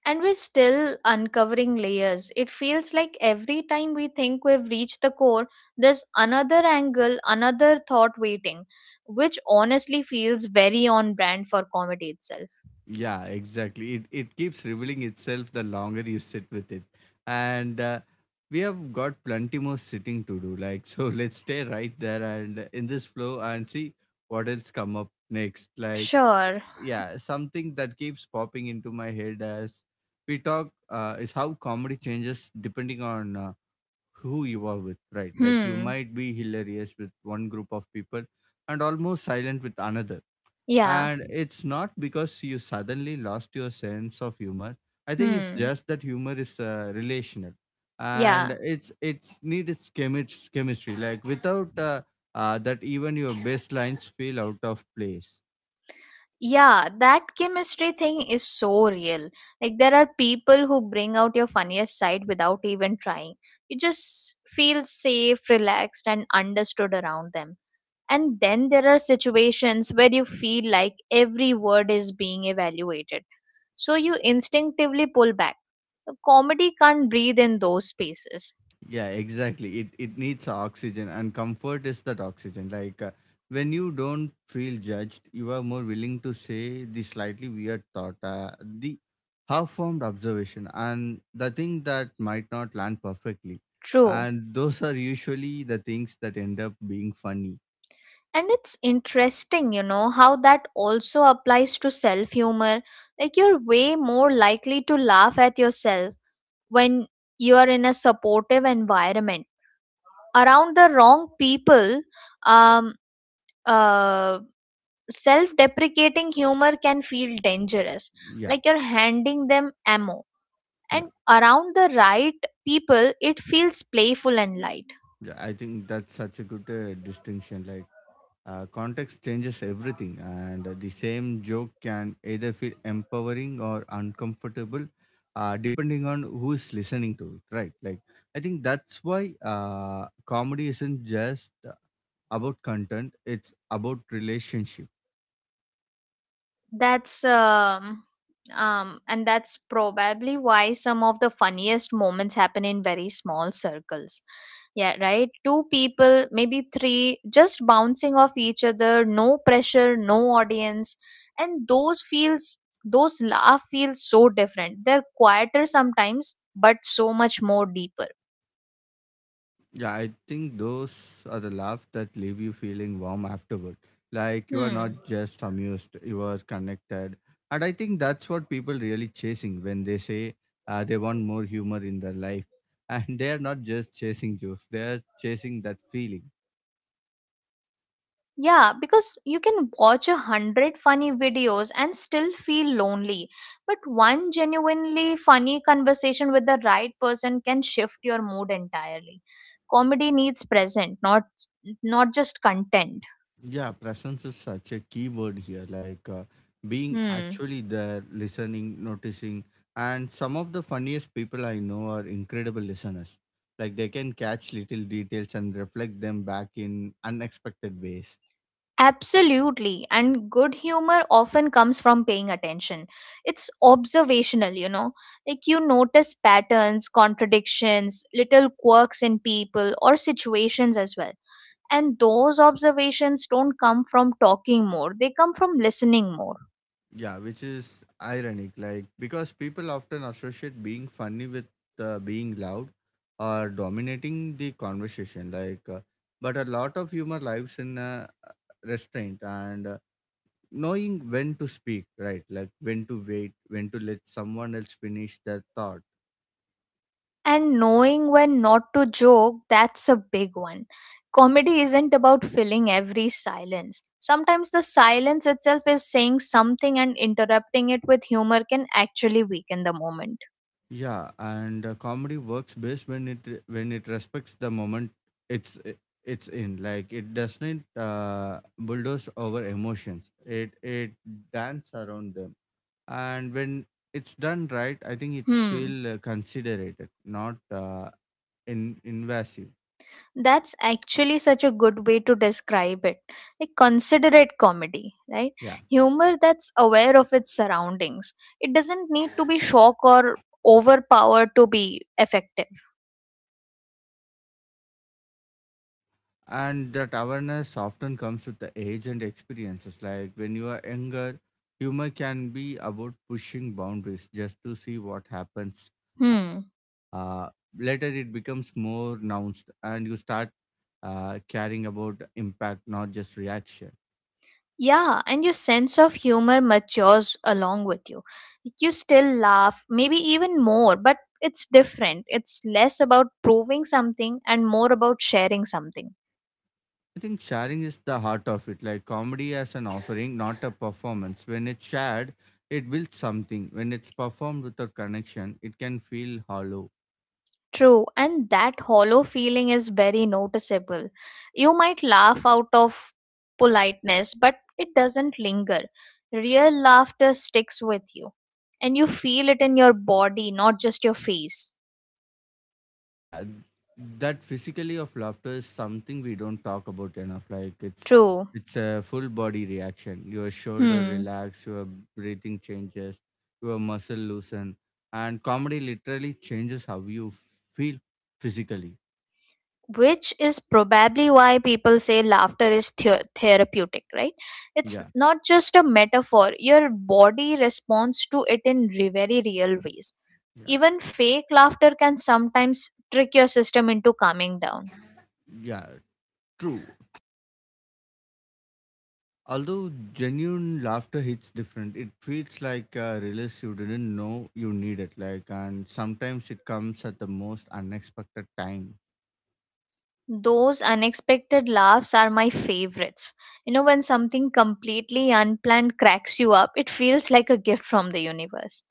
B: and we're still uncovering layers. It feels like every time we think we've reached the core, there's another angle, another thought waiting, which honestly feels very on brand for comedy itself.
A: Yeah, exactly. It keeps revealing itself the longer you sit with it, and we have got plenty more sitting to do. Like so, let's stay right there and in this flow and see what else come up next. Like
B: Sure.
A: yeah, something that keeps popping into my head as we talk is how comedy changes depending on who you are with, right? Like you
B: Hmm.
A: might be hilarious with one group of people and almost silent with another,
B: Yeah.
A: and it's not because you suddenly lost your sense of humor. I think it's
B: Hmm.
A: just that humor is relational, and
B: Yeah.
A: it's need its chemistry. Like without that, even your best lines feel out of place.
B: Yeah, that chemistry thing is so real. Like, there are people who bring out your funniest side without even trying. You just feel safe, relaxed, and understood around them. And then there are situations where you feel like every word is being evaluated. So you instinctively pull back. Comedy can't breathe in those spaces.
A: Yeah, exactly. It needs oxygen, and comfort is that oxygen. Like when you don't feel judged, you are more willing to say the slightly weird thought, the half-formed observation, and the thing that might not land perfectly.
B: True.
A: And those are usually the things that end up being funny.
B: And it's interesting, you know, how that also applies to self humor. Like, you're way more likely to laugh at yourself when you are in a supportive environment. Around the wrong people, um, uh, self deprecating humor can feel dangerous,
A: Yeah,
B: like you're handing them ammo.
A: yeah,
B: And around the right people, it feels playful and light.
A: yeah. I think that's such a good distinction. Like context changes everything, and the same joke can either feel empowering or uncomfortable, depending on who is listening to it, right? Like, I think that's why comedy isn't just about content, it's about relationship.
B: That's and that's probably why some of the funniest moments happen in very small circles. Yeah, right? Two people, maybe three, just bouncing off each other, no pressure, no audience. And those laugh feels so different. They're quieter sometimes, but so much more deeper.
A: Yeah, I think those are the laughs that leave you feeling warm afterward. Like you are not just
B: Hmm.
A: amused, you are connected. And I think that's what people really chasing when they say they want more humor in their life. And they are not just chasing jokes, they are chasing that feeling.
B: Yeah, because you can watch a hundred funny videos and still feel lonely. But one genuinely funny conversation with the right person can shift your mood entirely. Comedy needs present, not just content.
A: Yeah, presence is such a key word here. Like being
B: Hmm.
A: actually there, listening, noticing. And some of the funniest people I know are incredible listeners. Like they can catch little details and reflect them back in unexpected ways.
B: Absolutely. And good humor often comes from paying attention. It's observational, you know. Like you notice patterns, contradictions, little quirks in people or situations as well. And those observations don't come from talking more, they come from listening more.
A: Yeah, which is ironic. Like because people often associate being funny with being loud or dominating the conversation. But a lot of humor lives in restraint and knowing when to speak right, like when to wait, when to let someone else finish their thought.
B: And knowing when not to joke, that's a big one. Comedy isn't about filling every silence, sometimes the silence itself is saying something and interrupting it with humor can actually weaken the moment.
A: Yeah, and comedy works best when it respects the moment. it's it's in like it doesn't bulldoze over emotions, it dance around them, and when it's done right, I think it's
B: Hmm.
A: feel considerate, not in invasive.
B: That's actually such a good way to describe it. Like considerate comedy, right?
A: Yeah,
B: Humor that's aware of its surroundings. It doesn't need to be shock or overpowered to be effective.
A: and that awareness often comes with the age and experiences. Like when you are younger, humor can be about pushing boundaries just to see what happens.
B: Hmm.
A: uh, Later it becomes more nuanced and you start caring about impact, not just reaction.
B: Yeah, and your sense of humor matures along with you. Like, you still laugh, maybe even more, but it's different. It's less about proving something and more about sharing something.
A: I think sharing is the heart of it. Like comedy as an offering, not a performance. When it's shared, it builds something. When it's performed without connection, it can feel hollow.
B: True, and that hollow feeling is very noticeable. You might laugh out of politeness, but it doesn't linger. Real laughter sticks with you, and you feel it in your body, not just your face.
A: Yeah, that physically of laughter is something we don't talk about enough. Like
B: True.
A: it's a full body reaction. Your shoulder
B: Hmm.
A: relax, your breathing changes, your muscle loosen, and comedy literally changes how you feel physically.
B: Which is probably why people say laughter is therapeutic, right? It's
A: yeah
B: not just a metaphor. Your body responds to it in very real ways.
A: yeah
B: Even fake laughter can sometimes trick your system into calming down.
A: yeah true. Although genuine laughter hits different. It feels like a release you didn't know you needed, like, and sometimes it comes at the most unexpected time.
B: Those unexpected laughs are my favorites. You know, when something completely unplanned cracks you up, it feels like a gift from the universe.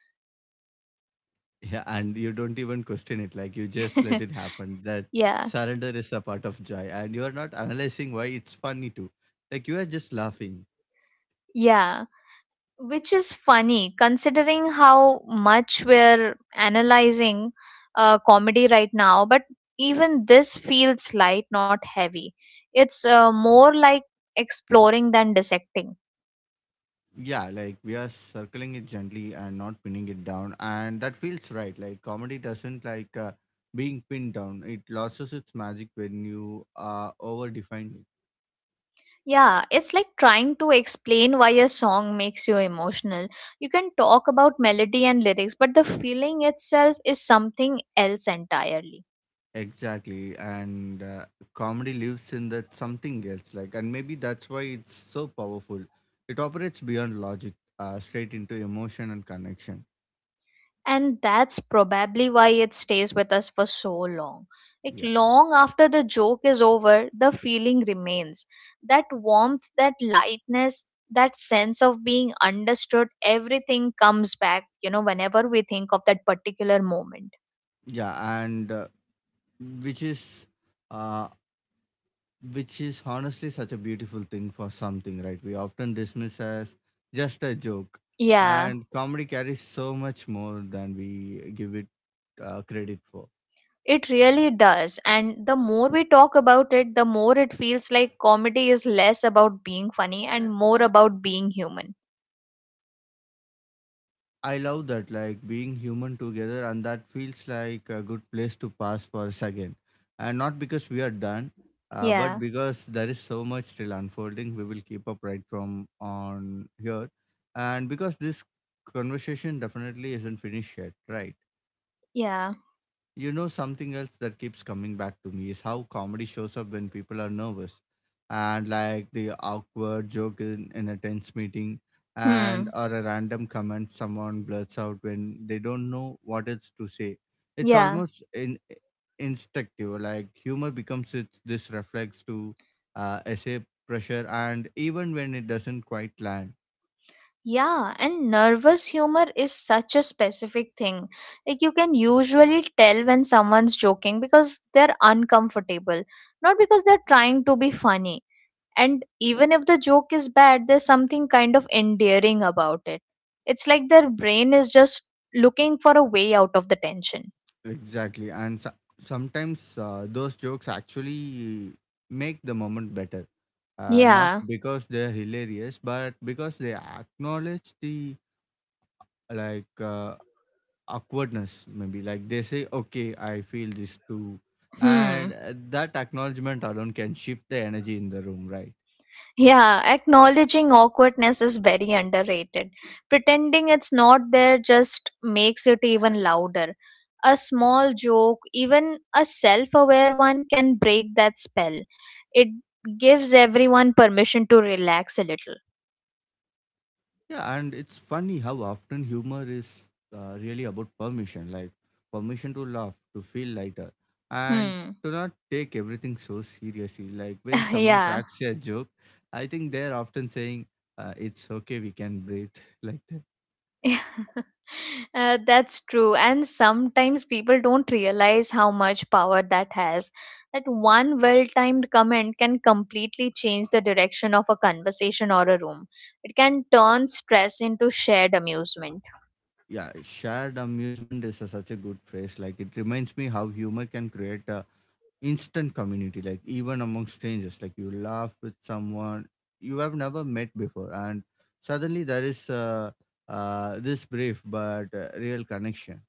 A: Yeah, and you don't even question it. Like you just let it happen. That surrender
B: Yeah,
A: is a part of joy, and you are not analyzing why it's funny too. Like you are just laughing.
B: yeah, which is funny considering how much we're analyzing comedy right now. But even this feels light, not heavy. It's more like exploring than dissecting.
A: Yeah, like we are circling it gently and not pinning it down, and that feels right. Like comedy doesn't like being pinned down. It loses its magic when you are overdefined.
B: Yeah, it's like trying to explain why a song makes you emotional. You can talk about melody and lyrics, but the feeling itself is something else entirely.
A: Exactly, and comedy lives in that something else, like, and maybe that's why it's so powerful. It operates beyond logic, straight into emotion and connection.
B: And that's probably why it stays with us for so long. Like,
A: Yeah,
B: long after the joke is over, the feeling remains. That warmth, that lightness, that sense of being understood, everything comes back, whenever we think of that particular moment.
A: yeah, and uh, which is, uh, which is honestly such a beautiful thing for something, right? We often dismiss as just a joke,
B: Yeah,
A: and comedy carries so much more than we give it credit for.
B: it really does. And the more we talk about it, the more it feels like comedy is less about being funny and more about being human.
A: I love that, like being human together, and that feels like a good place to pass for a second. And not because we are done, but
B: Yeah,
A: because there is so much still unfolding. We will keep up right from on here, and because this conversation definitely isn't finished yet, right?
B: yeah.
A: You know, something else that keeps coming back to me is how comedy shows up when people are nervous, and like the awkward joke in a tense meeting, and
B: Hmm.
A: or a random comment someone blurts out when they don't know what else to say. It's
B: Yeah.
A: almost instinctive, like humor becomes its, this reflex to essay pressure, and even when it doesn't quite land.
B: Yeah, and nervous humor is such a specific thing. Like, you can usually tell when someone's joking because they're uncomfortable, not because they're trying to be funny. And even if the joke is bad, there's something kind of endearing about it. It's like their brain is just looking for a way out of the tension.
A: Exactly. Sometimes those jokes actually make the moment better. Not
B: Yeah.
A: because they're hilarious, but because they acknowledge the like awkwardness, maybe. Like they say, okay, I feel this too.
B: Hmm.
A: And that acknowledgement alone can shift the energy in the room, right?
B: Yeah, acknowledging awkwardness is very underrated. Pretending it's not there just makes it even louder. A small joke, even a self aware one, can break that spell. It gives everyone permission to relax a little.
A: Yeah, and it's funny how often humor is really about permission, like permission to laugh, to feel lighter, and to
B: Hmm.
A: not take everything so seriously. Like when someone
B: Yeah.
A: cracks a joke, I think they're often saying, "It's okay, we can breathe." Like that.
B: That's true. And sometimes people don't realize how much power that has. That one well timed comment can completely change the direction of a conversation or a room. It can turn stress into shared amusement.
A: Yeah, shared amusement is a, such a good phrase. Like it reminds me how humor can create a instant community, like even among strangers, like you laugh with someone you have never met before, and suddenly there is this brief but real connection.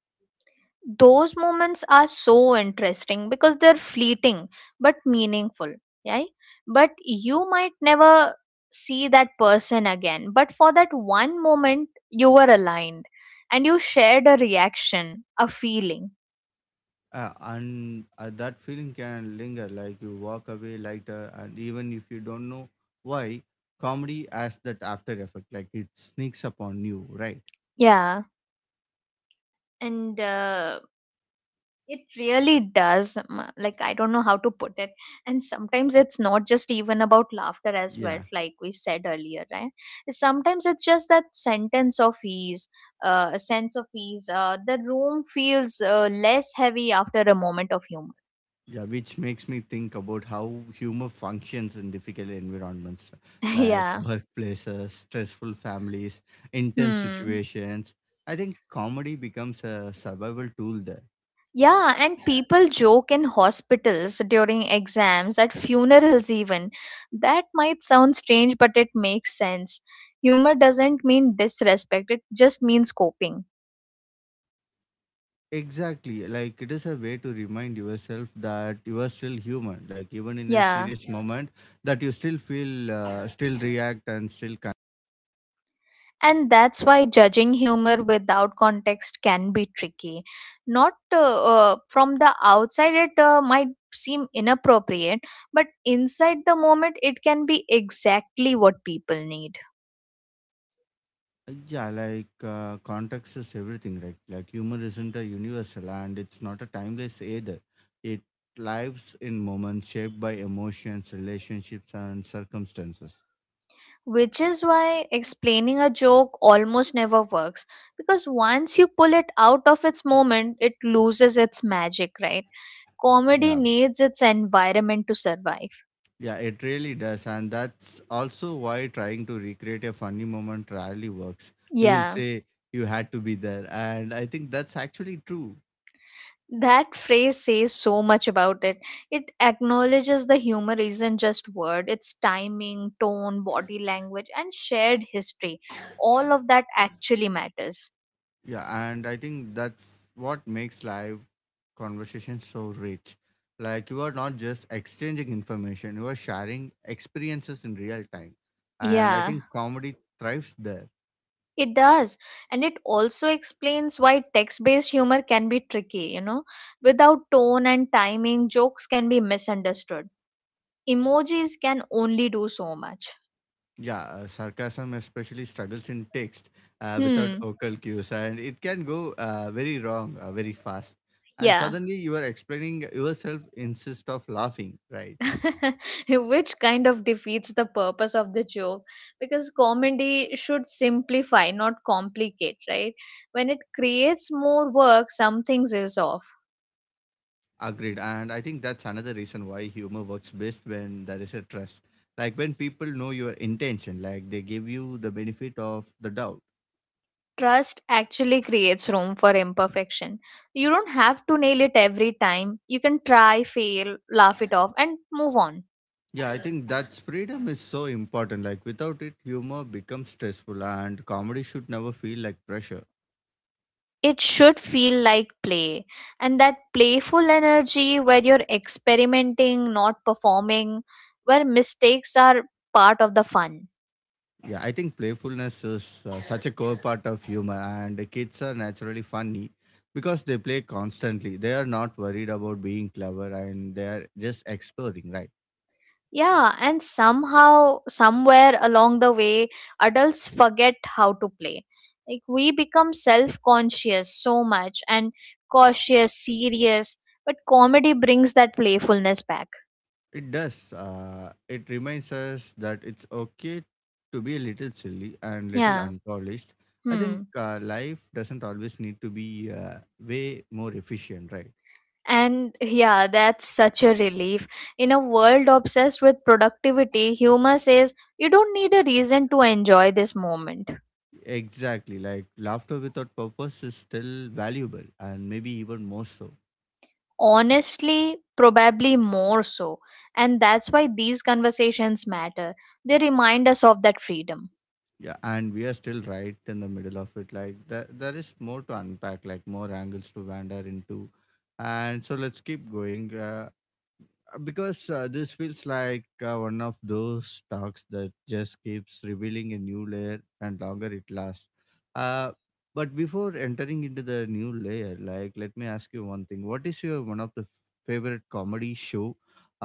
B: Those moments are so interesting because they're fleeting but meaningful, right? But you might never see that person again, but for that one moment you were aligned and you shared a reaction, a feeling.
A: And That feeling can linger, like you walk away lighter, and even if you don't know why, comedy has that after effect, like it sneaks upon you, right?
B: Yeah, and it really does. Like, I don't know how to put it. And sometimes it's not just even about laughter as well,
A: Yeah.
B: like we said earlier, right? Sometimes it's just that sentence of ease, a sense of ease. The room feels less heavy after a moment of humor.
A: Yeah, which makes me think about how humor functions in difficult environments like
B: Yeah.
A: workplaces, stressful families, intense
B: Hmm.
A: situations. I think comedy becomes a survival tool there.
B: Yeah, and people joke in hospitals, during exams, at funerals, even. That might sound strange, but it makes sense. Humor doesn't mean disrespect, it just means coping.
A: Exactly. Like it is a way to remind yourself that you are still human. Like even in a
B: Yeah.
A: serious moment, that you still feel, still react, and still.
B: And that's why judging humor without context can be tricky. Not from the outside, it might seem inappropriate, but inside the moment, it can be exactly what people need.
A: Yeah, like context is everything, right? Like humor isn't a universal and it's not a timeless either. It lives in moments shaped by emotions, relationships, and circumstances.
B: Which is why explaining a joke almost never works, because once you pull it out of its moment, it loses its magic, right? Comedy
A: Yeah,
B: needs its environment to survive.
A: yeah, it really does. And that's also why trying to recreate a funny moment rarely works. You will
B: Yeah,
A: say you had to be there. And I think that's actually true.
B: that phrase says so much about it. It acknowledges the humor isn't just word, it's timing, tone, body language, and shared history. All of that actually matters.
A: Yeah, and I think that's what makes live conversation so rich. Like you are not just exchanging information, you are sharing experiences in real time. And I
B: Yeah,
A: think comedy thrives there.
B: it does. And it also explains why text based humor can be tricky, you know. Without tone and timing, jokes can be misunderstood. Emojis can only do so much.
A: Yeah, sarcasm especially struggles in text without
B: Hmm.
A: vocal cues, and it can go very wrong very fast. And
B: Yeah.
A: suddenly you are explaining yourself instead of laughing, right?
B: Which kind of defeats the purpose of the joke, because comedy should simplify, not complicate, right? When it creates more work, something is off.
A: Agreed. And I think that's another reason why humor works best when there is a trust. Like when people know your intention, like they give you the benefit of the doubt.
B: Trust actually creates room for imperfection. You don't have to nail it every time. You can try, fail, laugh it off, and move on.
A: Yeah, I think that's freedom is so important. Like without it, humor becomes stressful and comedy should never feel like pressure.
B: It should feel like play. And that playful energy, where you're experimenting, not performing, where mistakes are part of the fun.
A: Yeah, I think playfulness is such a core part of humor, and kids are naturally funny because they play constantly. They are not worried about being clever, and they are just exploring, right?
B: Yeah, and somehow, somewhere along the way, adults forget how to play. Like, we become self conscious so much and cautious, serious, but comedy brings that playfulness back.
A: It does. It reminds us that it's okay to be a little silly and little
B: Yeah.
A: unpolished. I
B: Hmm.
A: think life doesn't always need to be way more efficient, right?
B: And yeah, that's such a relief. In a world obsessed with productivity, humor says you don't need a reason to enjoy this moment.
A: Exactly. Like laughter without purpose is still valuable and maybe even more so.
B: Honestly, probably more so. And that's why these conversations matter. They remind us of that freedom.
A: Yeah, and we are still right in the middle of it. Like there is more to unpack, like more angles to wander into. And so let's keep going. Because this feels like one of those talks that just keeps revealing a new layer and longer it lasts. Uh, but before entering into the new layer, like let me ask you one thing: what is your one of the favorite comedy show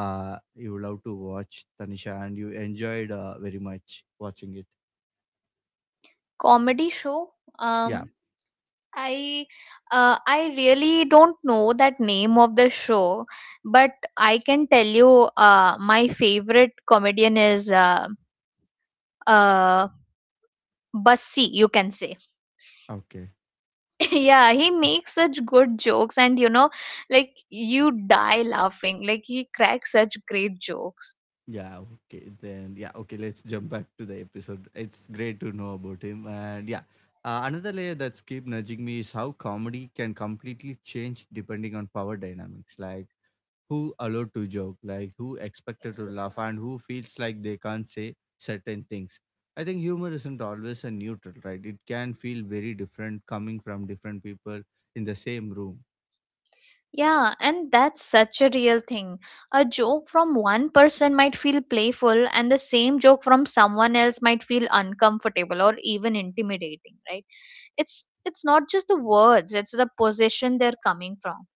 A: you love to watch, Tanisha, and you enjoyed very much watching it?
B: Comedy show?
A: Yeah.
B: Um, I I really don't know that name of the show, but I can tell you my favorite comedian is uh, Bassi, you can say.
A: Okay.
B: Yeah, he makes such good jokes, and you know, like, you die laughing. Like, he cracks such great jokes.
A: Yeah, okay. Then, yeah, okay, let's jump back to the episode. It's great to know about him. And yeah, another layer that's keep nudging me is how comedy can completely change depending on power dynamics. Like who allowed to joke, like who expected to laugh, and who feels like they can't say certain things. I think humor isn't always a neutral, right? It can feel very different coming from different people in the same room.
B: Yeah, and that's such a real thing. A joke from one person might feel playful, and the same joke from someone else might feel uncomfortable or even intimidating, right? It's not just the words, it's the position they're coming from.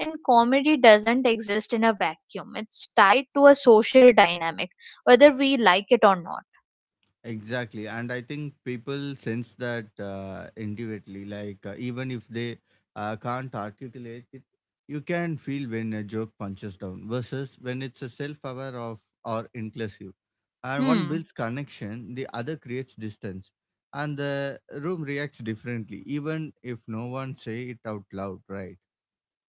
B: And comedy doesn't exist in a vacuum. It's tied to a social dynamic, whether we like it or not.
A: Exactly. And I think people sense that intuitively. Like, even if they can't articulate it, you can feel when a joke punches down versus when it's a self aware of or inclusive. And one
B: Hmm.
A: builds connection, the other creates distance. And the room reacts differently, even if no one say it out loud, right?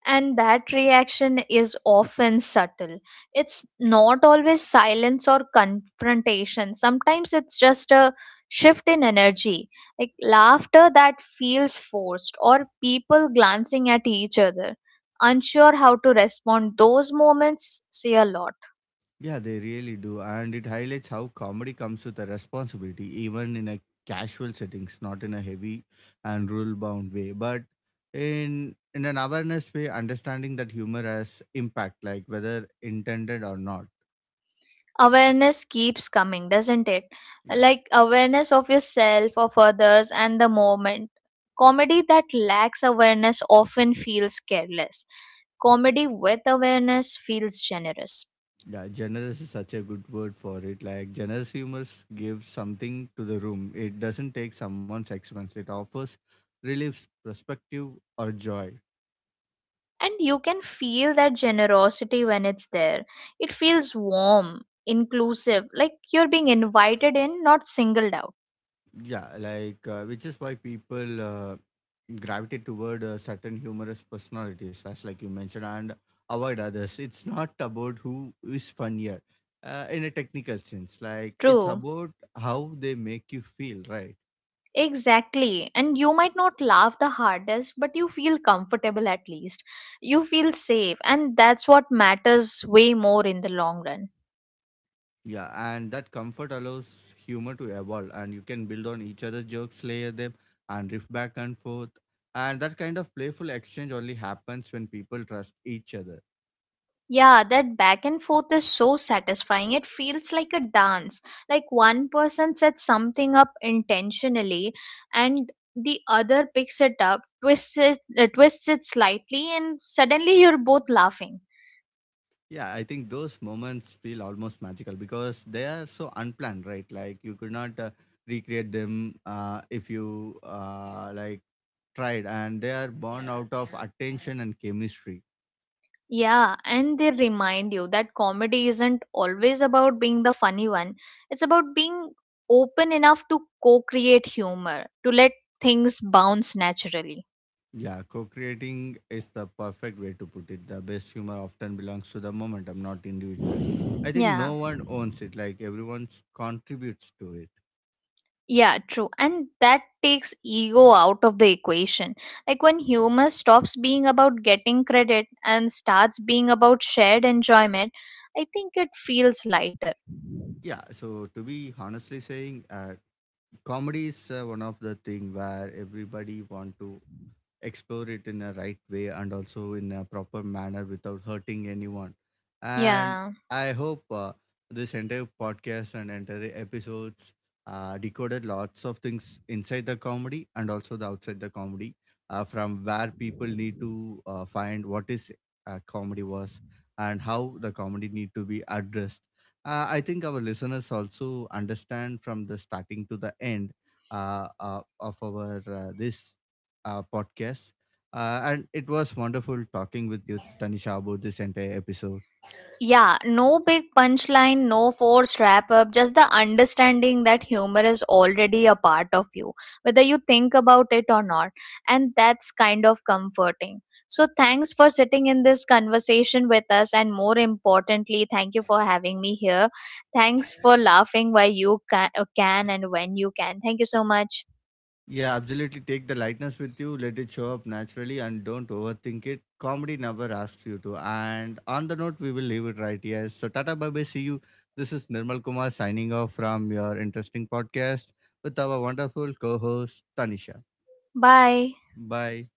B: And that reaction is often subtle. It's not always silence or confrontation. Sometimes it's just a shift in energy, like laughter that feels forced, or people glancing at each other, unsure how to respond. Those moments say a lot.
A: Yeah, they really do. And it highlights how comedy comes with a responsibility, even in a casual settings, not in a heavy and rule bound way, but in an awareness way, understanding that humor has impact, like whether intended or not.
B: Awareness keeps coming, doesn't it?
A: Yeah.
B: Like, awareness of yourself, of others, and the moment. Comedy that lacks awareness often feels careless. Comedy with awareness feels generous.
A: Yeah. Generous is such a good word for it. Like generous humor gives something to the room. It doesn't take someone's expense. It offers relief, perspective, or joy.
B: And you can feel that generosity when it's there. It feels warm, inclusive, like you're being invited in, not singled out.
A: Yeah, like which is why people gravitate toward certain humorous personalities, as like you mentioned, and avoid others. It's not about who is funnier in a technical sense. Like it's
B: True.
A: about how they make you feel, right?
B: Exactly. And you might not laugh the hardest, but you feel comfortable at least. You feel safe. And that's what matters way more in the long run.
A: Yeah, and that comfort allows humor to evolve, and you can build on each other's jokes, layer them, and riff back and forth. And that kind of playful exchange only happens when people trust each other.
B: Yeah, that back and forth is so satisfying. It feels like a dance. Like, one person sets something up intentionally, and the other picks it up, twists it slightly, and suddenly you're both laughing.
A: Yeah, I think those moments feel almost magical because they are so unplanned, right? Like you could not recreate them if you like tried, and they are born out of attention and chemistry.
B: Yeah, and they remind you that comedy isn't always about being the funny one. It's about being open enough to co create humor, to let things bounce naturally.
A: Yeah, co-creating is the perfect way to put it. The best humor often belongs to the momentum, not individual. I think
B: Yeah,
A: no one owns it; like everyone contributes to it.
B: yeah, true. And that takes ego out of the equation. Like, when humor stops being about getting credit and starts being about shared enjoyment, I think it feels lighter.
A: Yeah, so to be honestly saying, comedy is one of the thing where everybody want to explore it in a right way and also in a proper manner without hurting anyone. And
B: Yeah.
A: I hope this entire podcast and entire episodes decoded lots of things inside the comedy and also the outside the comedy from where people need to find what is comedy was and how the comedy need to be addressed. I think our listeners also understand from the starting to the end of our this podcast. And it was wonderful talking with you, Tanisha, about this entire episode.
B: Yeah, no big punchline, no forced wrap up, just the understanding that humor is already a part of you, whether you think about it or not. And that's kind of comforting. So, thanks for sitting in this conversation with us. And more importantly, thank you for having me here. Thanks for laughing where you can and when you can. Thank you so much.
A: Yeah, absolutely. Take the lightness with you, let it show up naturally, and don't overthink it. Comedy never asks you to. And on the note, we will leave it right here. So, Tata, bye bye. See you. This is Nirmal Kumar signing off from your interesting podcast with our wonderful co host, Tanisha.
B: Bye.
A: Bye.